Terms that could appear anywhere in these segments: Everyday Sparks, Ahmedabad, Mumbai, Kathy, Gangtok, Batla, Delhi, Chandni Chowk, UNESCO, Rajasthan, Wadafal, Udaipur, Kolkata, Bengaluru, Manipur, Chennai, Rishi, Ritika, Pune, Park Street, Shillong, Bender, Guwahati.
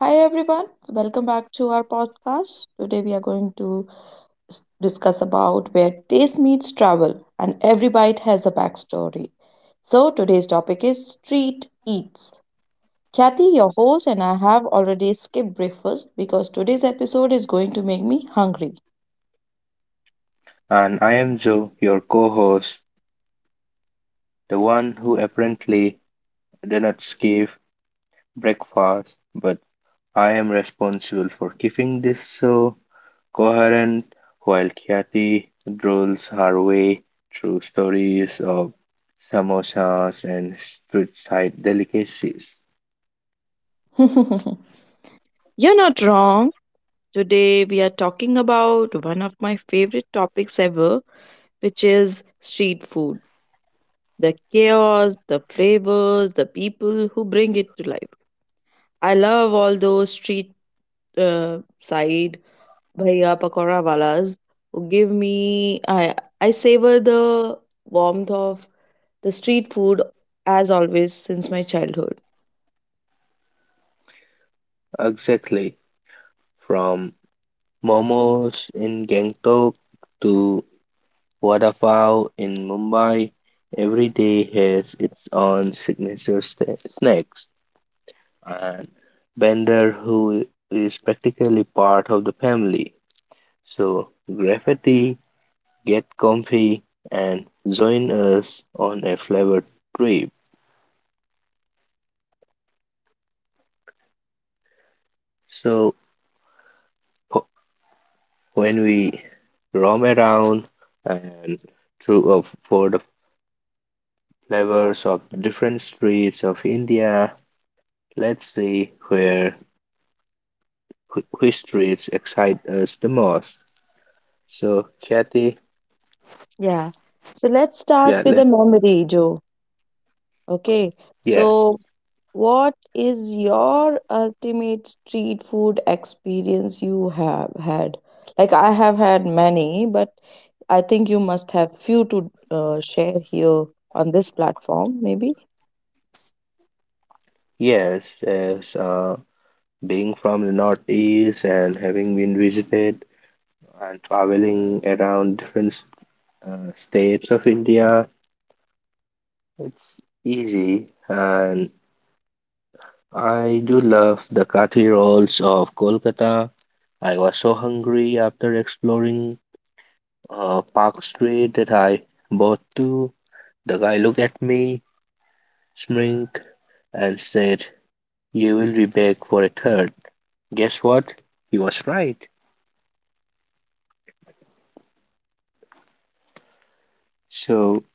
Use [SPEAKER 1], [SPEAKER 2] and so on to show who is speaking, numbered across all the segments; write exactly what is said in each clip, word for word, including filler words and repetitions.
[SPEAKER 1] Hi everyone, welcome back to our podcast. Today we are going to s- discuss about where taste meets travel and every bite has a backstory. So today's topic is street eats. Kathy, your host, and I have already skipped breakfast because today's episode is going to make me hungry.
[SPEAKER 2] And I am Joe, your co host, the one who apparently did not skip breakfast, but I am responsible for keeping this show coherent while Kathy drools her way through stories of samosas and street side delicacies.
[SPEAKER 1] You're not wrong. Today we are talking about one of my favorite topics ever, which is street food. The chaos, the flavors, the people who bring it to life. I love all those street uh, side bhaiya pakora walas who give me. I I savor the warmth of the street food as always since my childhood.
[SPEAKER 2] Exactly, from momos in Gangtok to Wadafal in Mumbai every day has its own signature sta- snacks, and Bender, who is practically part of the family. So, graffiti, get comfy, and join us on a flavor trip. So, wh- when we roam around and through of for the flavors of different streets of India, let's see where wh- which streets excite us the most? So, Kathy,
[SPEAKER 1] Yeah. So let's
[SPEAKER 2] yeah,
[SPEAKER 1] start with the
[SPEAKER 2] let,
[SPEAKER 1] memory, Joe. Okay.
[SPEAKER 2] yes,
[SPEAKER 1] So what is your ultimate street food experience you have had? Like I have had many, but I think you must have few to uh, share here on this platform, maybe.
[SPEAKER 2] yes, as uh, being from the Northeast and having been visited and traveling around different uh, states of India, it's easy. And I do love the kathi rolls of Kolkata. I was so hungry after exploring uh, Park Street that I bought two. The guy looked at me Smrink and said, "You will be back for a third." Guess what? He was right. So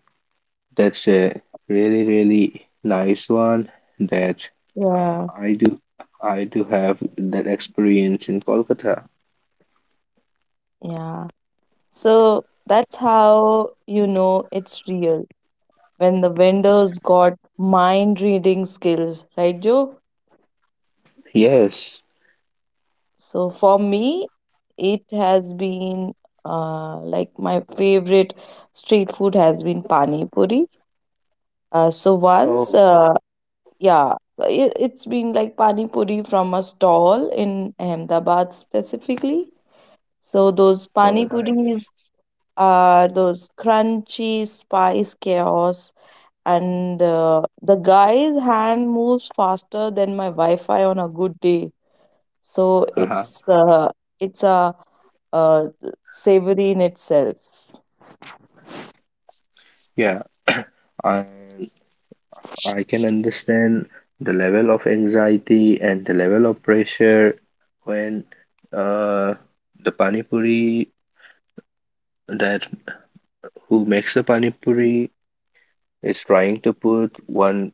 [SPEAKER 2] that's
[SPEAKER 1] So,
[SPEAKER 2] a really, really nice one that uh,
[SPEAKER 1] yeah,
[SPEAKER 2] I do I do have that experience in Kolkata.
[SPEAKER 1] yeah. So that's how you know it's real when the vendors got mind reading skills, right, Joe?
[SPEAKER 2] Yes.
[SPEAKER 1] So for me, it has been uh, like my favorite street food has been pani puri. Uh, so once
[SPEAKER 2] Oh,
[SPEAKER 1] uh, Yeah, so i- it's been like pani puri from a stall in Ahmedabad specifically. So those
[SPEAKER 2] so
[SPEAKER 1] pani
[SPEAKER 2] nice.
[SPEAKER 1] puris are those crunchy spice chaos, and uh, the guy's hand moves faster than my Wi-Fi on a good day. So
[SPEAKER 2] Uh-huh.
[SPEAKER 1] it's uh, it's a uh, savory in itself.
[SPEAKER 2] Yeah. I I can understand the level of anxiety and the level of pressure when uh, the pani puri that who makes the pani puri is trying to put one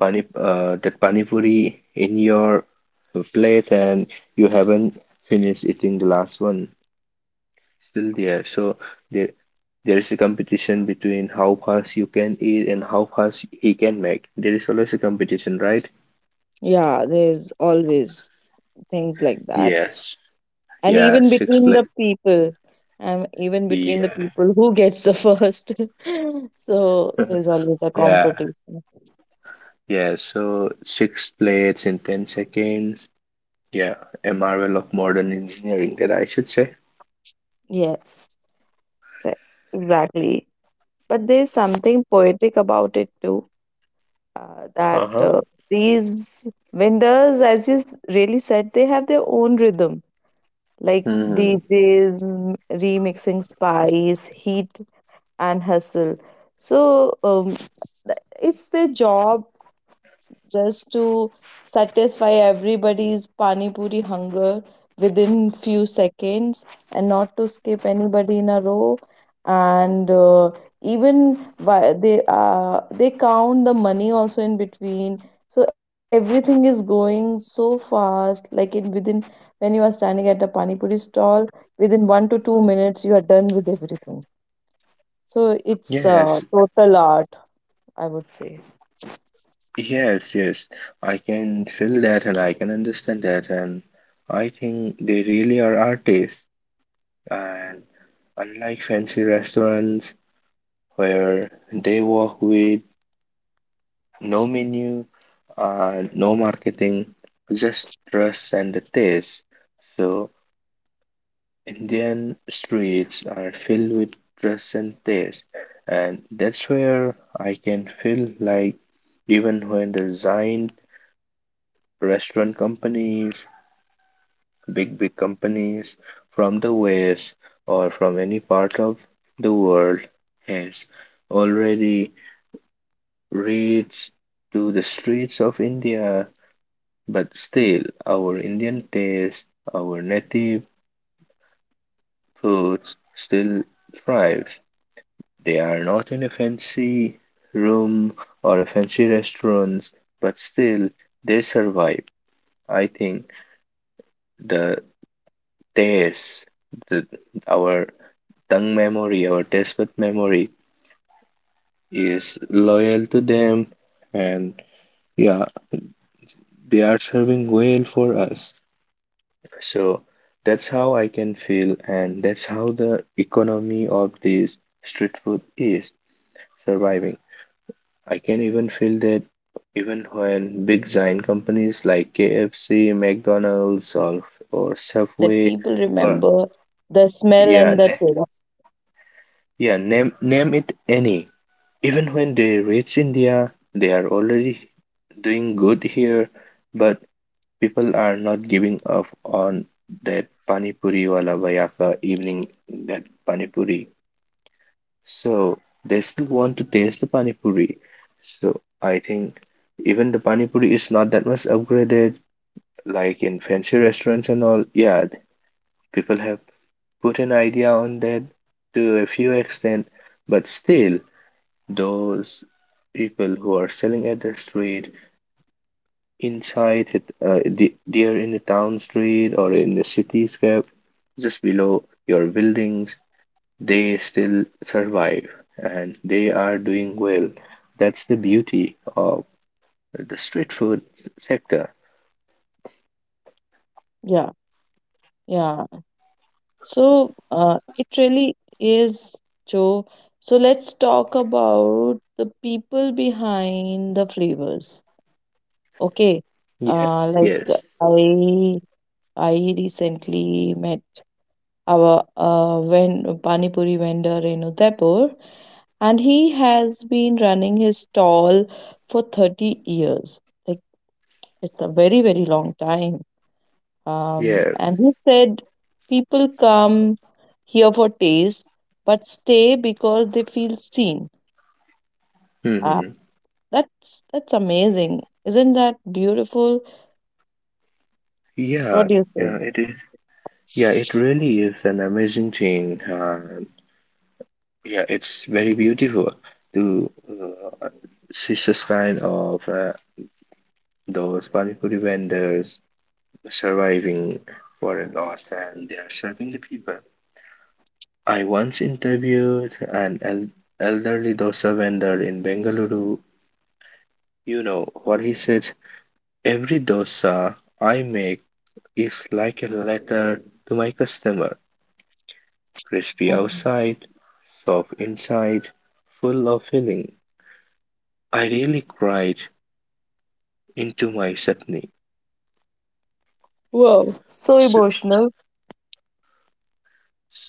[SPEAKER 2] pani uh, that pani puri in your plate and you haven't finished eating the last one still there. So there there is a competition between how fast you can eat and how fast he can make. There is always a competition, right?
[SPEAKER 1] Yeah, there's always things like that.
[SPEAKER 2] Yes,
[SPEAKER 1] And
[SPEAKER 2] yeah,
[SPEAKER 1] even
[SPEAKER 2] six
[SPEAKER 1] between the
[SPEAKER 2] plate.
[SPEAKER 1] people, and even between the
[SPEAKER 2] Yeah,
[SPEAKER 1] people who gets the first. So there's always a
[SPEAKER 2] yeah,
[SPEAKER 1] competition.
[SPEAKER 2] yeah, so six plates in ten seconds, yeah, a marvel of modern engineering, that I should say.
[SPEAKER 1] Yes, se- exactly. But there's something poetic about it too. Uh, that
[SPEAKER 2] Uh-huh.
[SPEAKER 1] uh, These vendors, as you s- really said, they have their own rhythm, like
[SPEAKER 2] Hmm.
[SPEAKER 1] D Js m- remixing spice, heat, and hustle. So um, th- it's their job just to satisfy everybody's pani puri hunger within few seconds, and not to skip anybody in a row, and uh, even why they uh, they count the money also in between. So everything is going so fast, like in within, when you are standing at a pani puri stall, within one to two minutes you are done with everything. So it's uh,
[SPEAKER 2] Yes,
[SPEAKER 1] total art, I would say.
[SPEAKER 2] yes, yes. I can feel that and I can understand that. And I think they really are artists. And unlike fancy restaurants where they work with no menu, uh, no marketing, just trust and the taste. So Indian streets are filled with trust and taste. And that's where I can feel like even when the design restaurant companies, big, big companies from the West or from any part of the world has already reached to the streets of India, but still our Indian taste, our native foods still thrives. They are not in a fancy room or a fancy restaurants, but still they survive. I think the taste, the our tongue memory or taste with memory is loyal to them, and yeah, they are serving well for us, so that's how I can feel, and that's how the economy
[SPEAKER 1] Yeah,
[SPEAKER 2] of
[SPEAKER 1] you are
[SPEAKER 2] this
[SPEAKER 1] right,
[SPEAKER 2] street food is
[SPEAKER 1] things like that
[SPEAKER 2] surviving.
[SPEAKER 1] happen.
[SPEAKER 2] I can
[SPEAKER 1] And
[SPEAKER 2] even feel
[SPEAKER 1] uh,
[SPEAKER 2] that
[SPEAKER 1] people
[SPEAKER 2] even when
[SPEAKER 1] love
[SPEAKER 2] big
[SPEAKER 1] and
[SPEAKER 2] giant
[SPEAKER 1] memorize.
[SPEAKER 2] companies like
[SPEAKER 1] You you know
[SPEAKER 2] KFC,
[SPEAKER 1] what, uh,
[SPEAKER 2] McDonald's, or,
[SPEAKER 1] there's a
[SPEAKER 2] or
[SPEAKER 1] saying that
[SPEAKER 2] subway,
[SPEAKER 1] people
[SPEAKER 2] or
[SPEAKER 1] remember the smell
[SPEAKER 2] yeah,
[SPEAKER 1] and the
[SPEAKER 2] na-
[SPEAKER 1] taste.
[SPEAKER 2] yeah, name name it any, even when they reach India they are already doing good here, but people are not giving up on that panipuri. Puri wala vayaka evening, that panipuri. So they still want to taste the panipuri. So I think even the panipuri is not that much upgraded, like in fancy restaurants and all. Yeah, people have put an idea on that to a few extent, but still those people who are selling at the street inside it, uh, the, there in the town street or in the cityscape, just below your buildings, they still survive and they are doing well. That's the beauty of the street food sector.
[SPEAKER 1] Yeah, yeah. So uh, it really is, Joe. So let's talk about the people behind the flavors. Okay. uh,
[SPEAKER 2] Yes,
[SPEAKER 1] like
[SPEAKER 2] yes,
[SPEAKER 1] i i recently met our uh, ven- pani puri vendor in Udaipur, and he has been running his stall for thirty years. Like it's a very very long time. Um, and
[SPEAKER 2] yes.
[SPEAKER 1] he said people come here for taste, but stay because they feel seen. Ah,
[SPEAKER 2] Hmm.
[SPEAKER 1] that's that's amazing. Isn't that beautiful? What
[SPEAKER 2] Yeah,
[SPEAKER 1] do you say?
[SPEAKER 2] yeah, it is. Yeah, it really is an amazing thing. Uh, yeah, it's very beautiful to uh, see such kind of uh, those pani puri vendors surviving for a loss and they are serving the people. I once interviewed an el- elderly dosa vendor in Bengaluru. You know what he said? Every dosa I make is like a letter to my customer. Crispy
[SPEAKER 1] Mhm.
[SPEAKER 2] outside, soft inside, full of filling. I really cried into my chutney.
[SPEAKER 1] Wow, so
[SPEAKER 2] So,
[SPEAKER 1] emotional.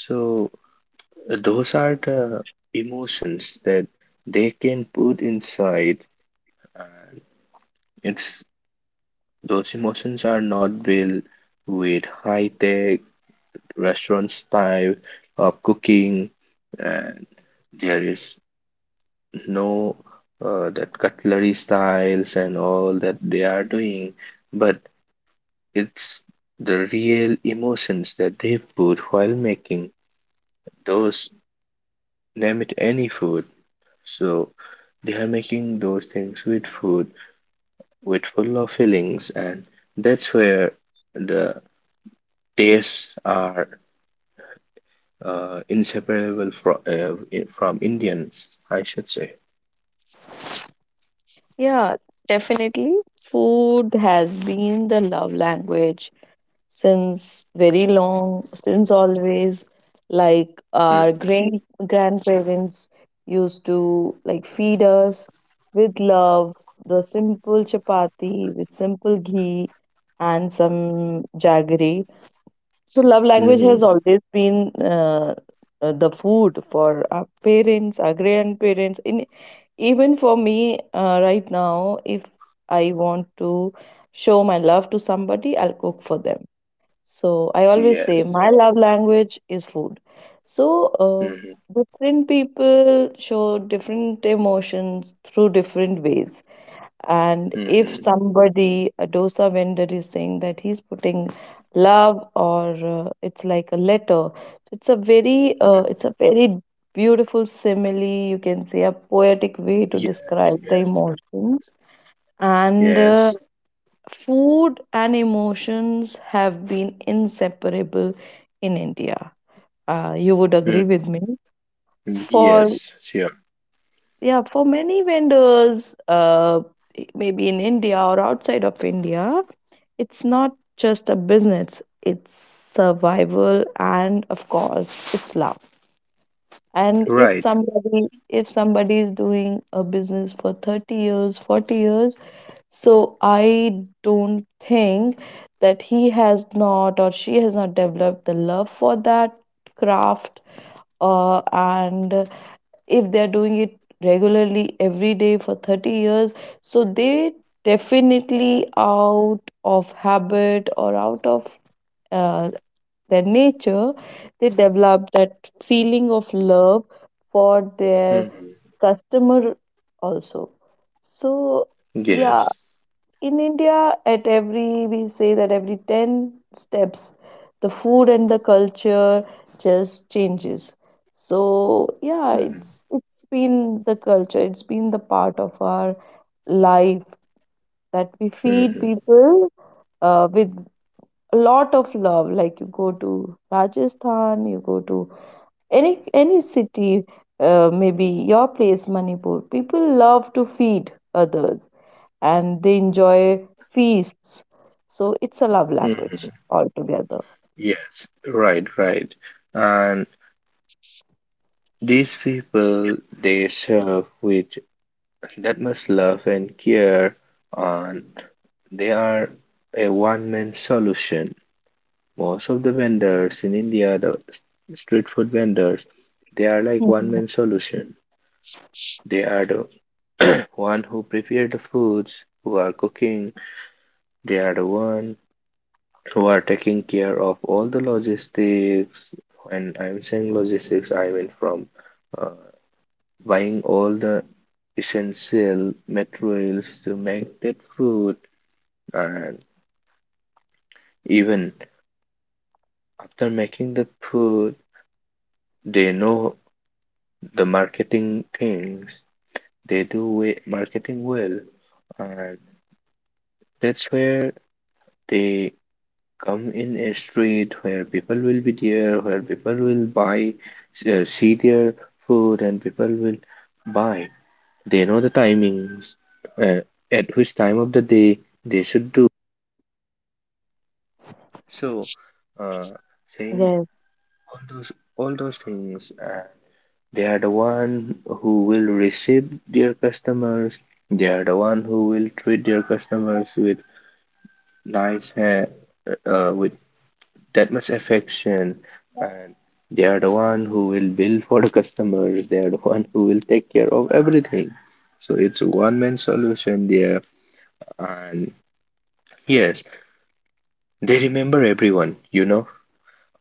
[SPEAKER 2] so those are the emotions that they can put inside. And it's those emotions are not built with high tech restaurant style of cooking, and there is no uh, that cutlery styles and all that they are doing, but it's the real emotions that they put while making those, name it any food. So they are making those things with food, with full of fillings, and that's where the tastes are uh, inseparable from uh, i- from Indians, I should say.
[SPEAKER 1] Yeah, definitely. Food has been the love language since very long, since always. Like our grand grandparents used to like feed us with love, the simple chapati with simple ghee and some jaggery. So love language has
[SPEAKER 2] Mm-hmm.
[SPEAKER 1] always been uh, uh, the food for our parents, our grandparents in even for me, uh, right now, if I want to show my love to somebody, I'll cook for them. So I always say
[SPEAKER 2] Yes.
[SPEAKER 1] my love language is food. So
[SPEAKER 2] Mm-hmm.
[SPEAKER 1] uh, different people show different emotions through different ways, and if
[SPEAKER 2] Mm-hmm.
[SPEAKER 1] somebody a dosa vendor is saying that he's putting love, or uh, it's like a letter, it's a very uh,
[SPEAKER 2] Mm-hmm.
[SPEAKER 1] it's a very beautiful simile, you can say a poetic way to
[SPEAKER 2] Yes.
[SPEAKER 1] describe the
[SPEAKER 2] Yes.
[SPEAKER 1] emotions. And uh,
[SPEAKER 2] Yes.
[SPEAKER 1] food and emotions have been inseparable in india. Uh, you would agree
[SPEAKER 2] Mm-hmm.
[SPEAKER 1] with me, for
[SPEAKER 2] Yes. Sure.
[SPEAKER 1] yeah, for many vendors, uh, maybe in india or outside of india. It's not just a business, it's survival and of course, it's love. And if
[SPEAKER 2] Right.
[SPEAKER 1] somebody, if somebody is doing a business for thirty years, forty years, so I don't think that he has not or she has not developed the love for that craft. Uh, and if they're doing it regularly every day for thirty years, so they definitely out of habit or out of uh, their nature, they develop that feeling of love for their
[SPEAKER 2] Mm-hmm.
[SPEAKER 1] customer also. So, yeah,
[SPEAKER 2] Yes.
[SPEAKER 1] in India, at every, we say that every ten steps, the food and the culture just changes. So, yeah,
[SPEAKER 2] Mm-hmm.
[SPEAKER 1] it's it's been the culture, it's been the part of our life that we feed
[SPEAKER 2] Mm-hmm.
[SPEAKER 1] people uh, with a lot of love, like you go to rajasthan, you go to any any city, uh, maybe your place manipur, people love to feed others and they enjoy feasts. So it's a love language
[SPEAKER 2] Mm-hmm.
[SPEAKER 1] altogether.
[SPEAKER 2] Yes. Right. Right. And these people they serve with that much love and care, and they are a one-man solution. Most of the vendors in India, the s- street food vendors, they are like
[SPEAKER 1] Mhm.
[SPEAKER 2] one-man solution. They are the one who prepare the foods, who are cooking. They are the one who are taking care of all the logistics. And I'm saying logistics, I mean from uh, buying all the essential materials to make that food. And even after making the food, they know the marketing things. They do we- marketing well. And that's where they come in a street where people will be there, where people will buy, uh, see their food, and people will buy. They know the timings, uh, at which time of the day they should do. So, uh, saying
[SPEAKER 1] Yes.
[SPEAKER 2] all those all those things, uh, they are the one who will receive their customers. They are the one who will treat their customers with nice hand, uh, with that much affection, and they are the one who will bill for the customers. They are the one who will take care of everything. So it's a one-man solution there, and yes, they remember everyone. You know,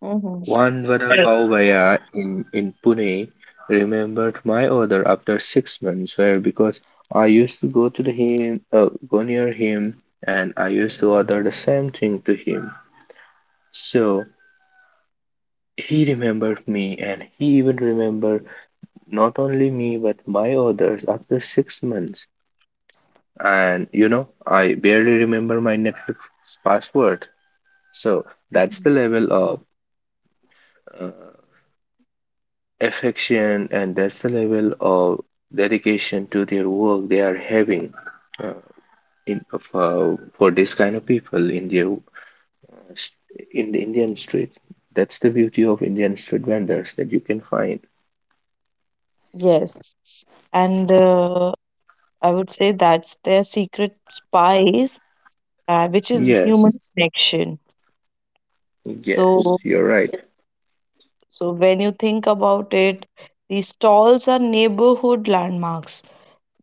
[SPEAKER 1] Hmm.
[SPEAKER 2] one vada pav bhaiya in, in Pune remembered my order after six months, where because I used to go to the him, uh, go near him, and I used to order the same thing to him. So he remembered me, and he even remembered not only me but my orders after six months. And you know, I barely remember my Netflix password. So that's
[SPEAKER 1] Mhm.
[SPEAKER 2] the level of uh, affection, and that's the level of dedication to their work they are having uh, in for, for this kind of people in their in the Indian street. That's the beauty of Indian street vendors that you can find.
[SPEAKER 1] Yes, and uh, I would say that's their secret spice, uh, which is
[SPEAKER 2] Yes,
[SPEAKER 1] human connection.
[SPEAKER 2] yes,
[SPEAKER 1] So,
[SPEAKER 2] you're right.
[SPEAKER 1] so when you think about it, these stalls are neighborhood landmarks,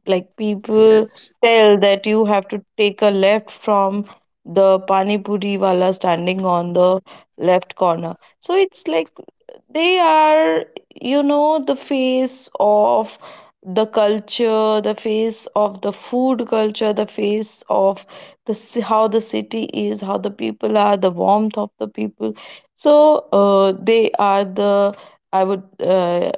[SPEAKER 1] like people
[SPEAKER 2] Yes,
[SPEAKER 1] tell that you have to take a left from the pani puri wala standing on the left corner. So it's like they are, you know, the face of the culture, the face of the food culture, the face of the ci- how the city is, how the people are, the warmth of the people. So uh, they are the I would uh,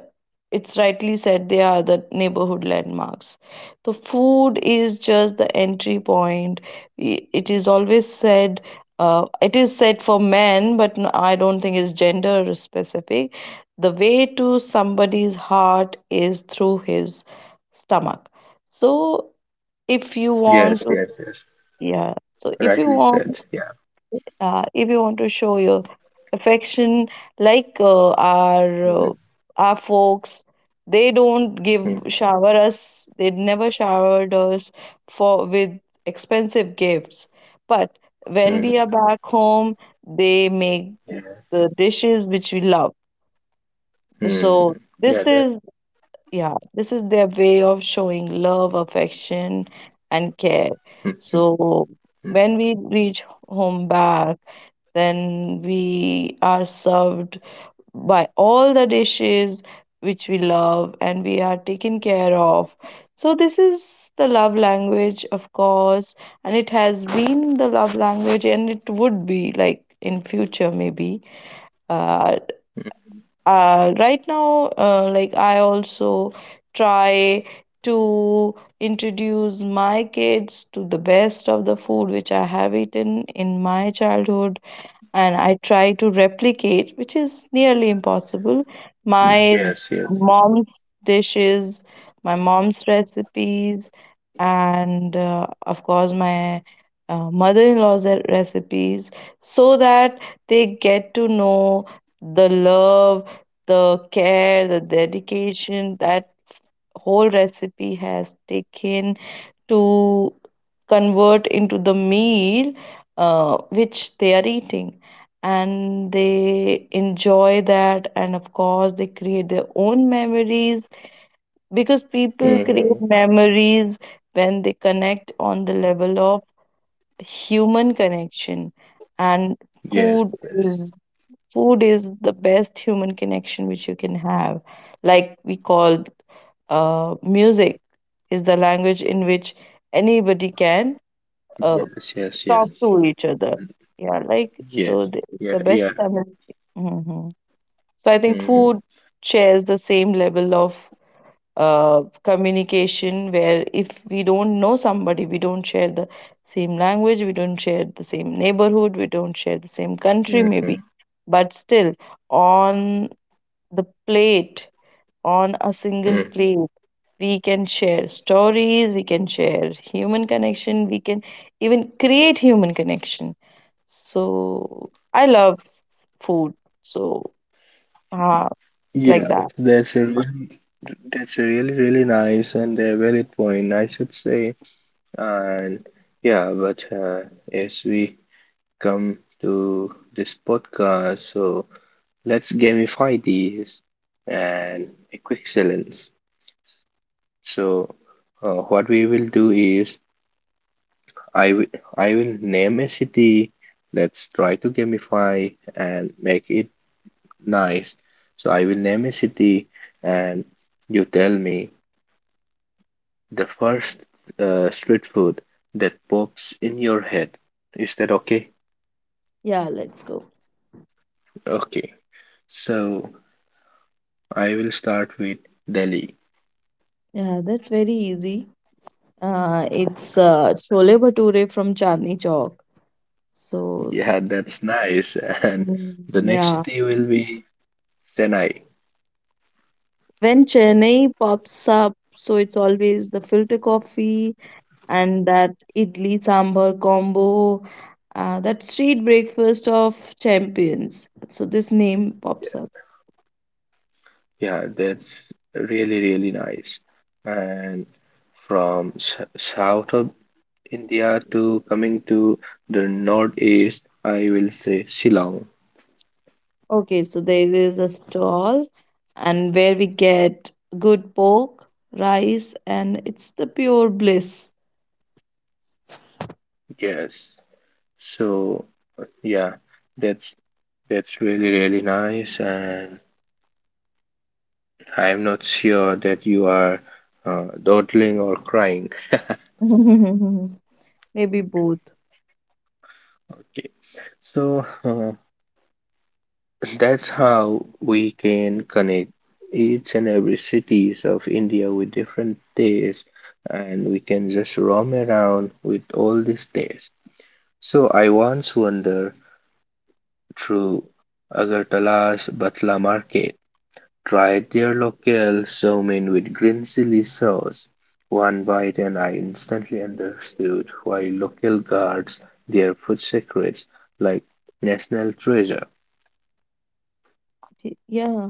[SPEAKER 1] it's rightly said they are the neighborhood landmarks, the food is just the entry point. I- it is always said, uh, it is said for men, but n- I don't think it's gender specific. The way to somebody's heart is through his stomach. So if you want
[SPEAKER 2] yes,
[SPEAKER 1] to,
[SPEAKER 2] yes, yes.
[SPEAKER 1] yeah, so if you
[SPEAKER 2] Rightly
[SPEAKER 1] want,
[SPEAKER 2] said. Yeah.
[SPEAKER 1] uh, if you want to show your affection, like uh,
[SPEAKER 2] Mm-hmm.
[SPEAKER 1] our uh, our folks, they don't give
[SPEAKER 2] Mm-hmm.
[SPEAKER 1] shower us, they never showered us for with expensive gifts, but when we are
[SPEAKER 2] Mm-hmm.
[SPEAKER 1] back home they make
[SPEAKER 2] Yes.
[SPEAKER 1] the dishes which we love.
[SPEAKER 2] Hmm.
[SPEAKER 1] So this
[SPEAKER 2] Yeah. That.
[SPEAKER 1] is, yeah, this is their way of showing love, affection, and care.
[SPEAKER 2] Mm-hmm.
[SPEAKER 1] So when we reach home back, then we are served by all the dishes which we love and we are taken care of. So, this is the love language, of course, and it has been the love language and it would be like in future maybe. Uh, uh right now uh, like I also try to introduce my kids to the best of the food which I have eaten in my childhood, and I try to replicate, which is nearly impossible,
[SPEAKER 2] Mm-hmm.
[SPEAKER 1] my
[SPEAKER 2] Yes. Yes.
[SPEAKER 1] mom's dishes, my mom's recipes, and uh, of course, my uh, mother in law's recipes, so that they get to know the love, the care, the dedication that whole recipe has taken to convert into the meal uh, which they are eating, and they enjoy that, and of course they create their own memories, because people
[SPEAKER 2] Mm-hmm.
[SPEAKER 1] create memories when they connect on the level of human connection. And
[SPEAKER 2] Yes.
[SPEAKER 1] food
[SPEAKER 2] Yes.
[SPEAKER 1] is, food is the best human connection which you can have. Like we call uh, music is the language in which anybody can uh,
[SPEAKER 2] Yes, yes,
[SPEAKER 1] talk
[SPEAKER 2] yes,
[SPEAKER 1] to each other. Yeah, like so
[SPEAKER 2] yes,
[SPEAKER 1] the,
[SPEAKER 2] yeah,
[SPEAKER 1] the
[SPEAKER 2] yeah,
[SPEAKER 1] best family. Hmm. So I think
[SPEAKER 2] mm-hmm,
[SPEAKER 1] food shares the same level of uh, communication, where if we don't know somebody, we don't share the same language, we don't share the same neighborhood, we don't share the same country,
[SPEAKER 2] mm-hmm,
[SPEAKER 1] maybe. But still, on the plate, on a single
[SPEAKER 2] mm-hmm.
[SPEAKER 1] plate, we can share stories, we can share human connection, we can even create human connection. So I love food. So uh, it's like
[SPEAKER 2] Yeah,
[SPEAKER 1] that.
[SPEAKER 2] that's a really, that's a really, really nice and a valid point, I should say. And yeah, but uh, as we come to this
[SPEAKER 1] So
[SPEAKER 2] podcast,
[SPEAKER 1] let's
[SPEAKER 2] so
[SPEAKER 1] gamify
[SPEAKER 2] let's
[SPEAKER 1] this.
[SPEAKER 2] gamify
[SPEAKER 1] I
[SPEAKER 2] these,
[SPEAKER 1] think, uh, uh,
[SPEAKER 2] and a quick challenge.
[SPEAKER 1] yeah,
[SPEAKER 2] So, uh, what we will do is I will I will name a city. Let's try to gamify and make it nice. So I will name a city and you tell me the first uh, street food that pops in your head. Is that okay?
[SPEAKER 1] yeah, let's go.
[SPEAKER 2] Okay. So I will start with Delhi.
[SPEAKER 1] Yeah, that's very easy. Uh, it's uh, chole bhature from Chandni Chowk. So,
[SPEAKER 2] Yeah, that's nice. And
[SPEAKER 1] mm,
[SPEAKER 2] the next
[SPEAKER 1] yeah,
[SPEAKER 2] city will be Chennai.
[SPEAKER 1] when Chennai pops up, so it's always the filter coffee and that idli sambar combo, uh, that street breakfast of champions, so this name pops up.
[SPEAKER 2] Yeah, that's really, really nice. And from s- south of India to coming to the northeast, I will say Shillong.
[SPEAKER 1] Okay, so there is a stall and where we get good pork rice and it's the pure bliss.
[SPEAKER 2] Yes. So yeah, that's that's really really nice, and I'm not sure that you are uh, dawdling or crying.
[SPEAKER 1] Maybe both.
[SPEAKER 2] Okay. So uh, that's how we can connect each and every cities of India with different tastes, and we can just roam around with all these tastes. So I once wander through Agartala's Batla market. Try their local so mein with green chili sauce. One bite and I instantly understood why local guards their food secrets like national treasure.
[SPEAKER 1] Y- yeah,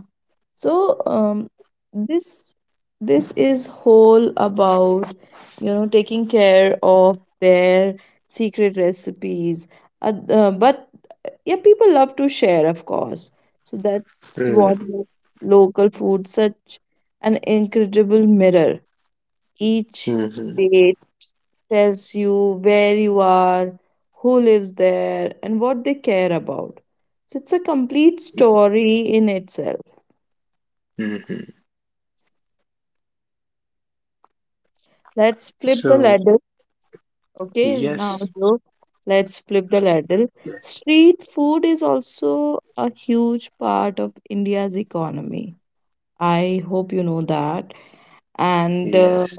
[SPEAKER 1] so um, this this is whole about you know taking care of their secret recipes, uh, uh, but uh, yeah, people love to share of course, so that's what
[SPEAKER 2] Mm,
[SPEAKER 1] makes local food such an incredible mirror. Each
[SPEAKER 2] mhm,
[SPEAKER 1] plate tells you where you are, who lives there and what they care about. So it's a complete story in itself.
[SPEAKER 2] mhm.
[SPEAKER 1] Let's flip the
[SPEAKER 2] So,
[SPEAKER 1] ladder. Okay, now
[SPEAKER 2] yes,
[SPEAKER 1] so let's flip the ladder. Street food is also a huge part of India's economy. I hope you know that. And uh,
[SPEAKER 2] yes,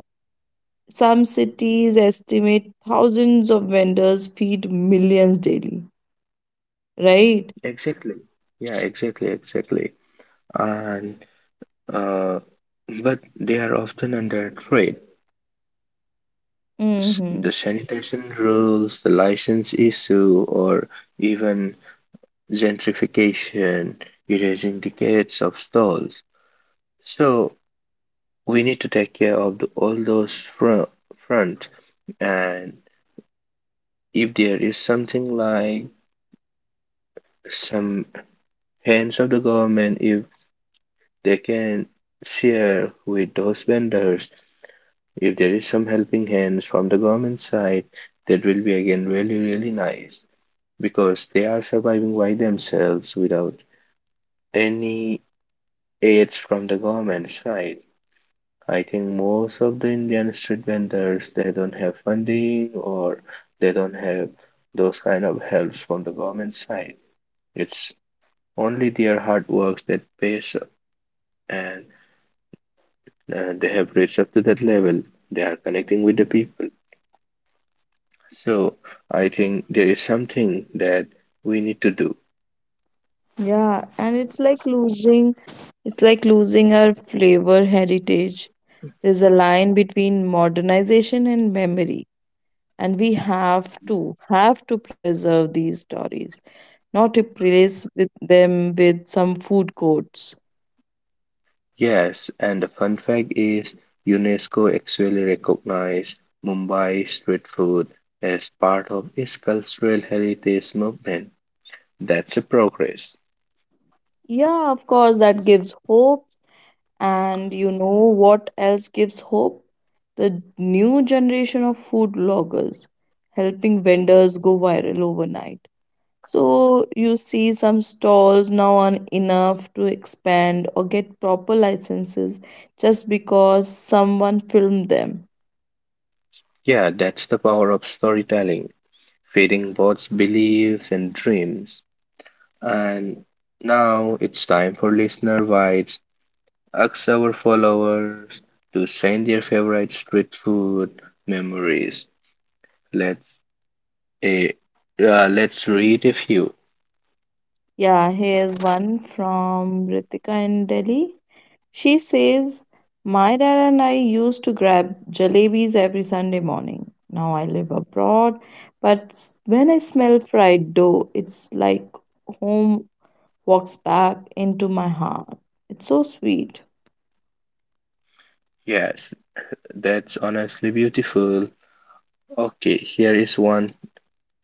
[SPEAKER 1] some cities estimate thousands of vendors feed millions daily, right?
[SPEAKER 2] exactly. Yeah, exactly, exactly. And uh, but they are often under threat. S-
[SPEAKER 1] Mm-hmm.
[SPEAKER 2] The sanitation rules, the license issue, or even gentrification, erasing decades of stalls. So we need to take care of the, all those front, front. And if there is something like some hands of the government, if they can share with those vendors, if there is some helping hands from the government side, that will be again really, really nice because they are surviving by themselves without any aids from the government side. I think most of the Indian street vendors they don't have funding or they don't have those kind of helps from the government side. It's only their hard works that pays up, and uh, they have reached up to that level. They are connecting with the people. So I think there is something that we need to do.
[SPEAKER 1] Yeah, and it's like losing, it's like losing our flavor heritage. There's a line between modernization and memory, and we have to have to preserve these stories, not replace with them with some food courts.
[SPEAKER 2] Yes, and the fun fact is UNESCO actually recognized Mumbai street food as part of its cultural heritage movement. That's a progress.
[SPEAKER 1] Yeah, of course that gives hope. And you know what else gives hope, the new generation of food bloggers helping vendors go viral overnight. So you see some stalls now on enough to expand or get proper licenses just because someone filmed them.
[SPEAKER 2] Yeah, that's the power of storytelling, feeding both beliefs and dreams. And now it's time for listener bites. Ask our followers to send their favorite street food memories. Let's eh, uh, let's read a few.
[SPEAKER 1] Yeah, here's one from Ritika in Delhi. She says, "My dad and I used to grab jalebis every Sunday morning. Now I live abroad, but s- when I smell fried dough, it's like home walks back into my heart." It's so sweet.
[SPEAKER 2] Yes, that's honestly beautiful. Okay, here is one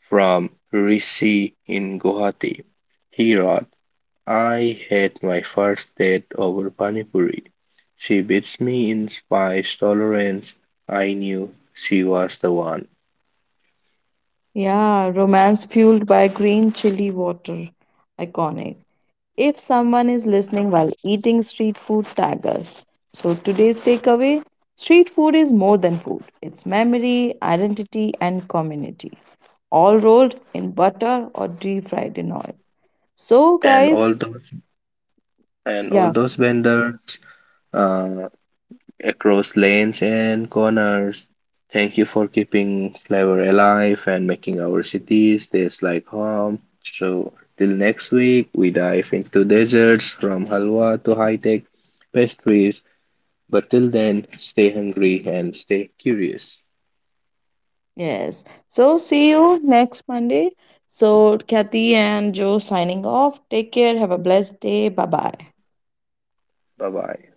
[SPEAKER 2] from Rishi in Guwahati. He wrote. I had my first date over pani puri. She beats me in spice tolerance. I knew she was the one.
[SPEAKER 1] Yeah, romance fueled by green chili water. Iconic. If someone is listening while eating street food, tag us. So today's takeaway, street food is more than food, it's memory, identity, and community, all rolled in butter or deep fried in oil. So,
[SPEAKER 2] And
[SPEAKER 1] guys,
[SPEAKER 2] all those and all
[SPEAKER 1] yeah,
[SPEAKER 2] those vendors uh, across lanes and corners. Thank you for keeping flavor alive and making our cities taste like home. So till next week, we dive into desserts from halwa to high-tech pastries. But till then, stay hungry and stay curious.
[SPEAKER 1] yes. So, see you next Monday. So, Kathy and Joe signing off. Take care. Have a blessed day. Bye bye.
[SPEAKER 2] Bye bye.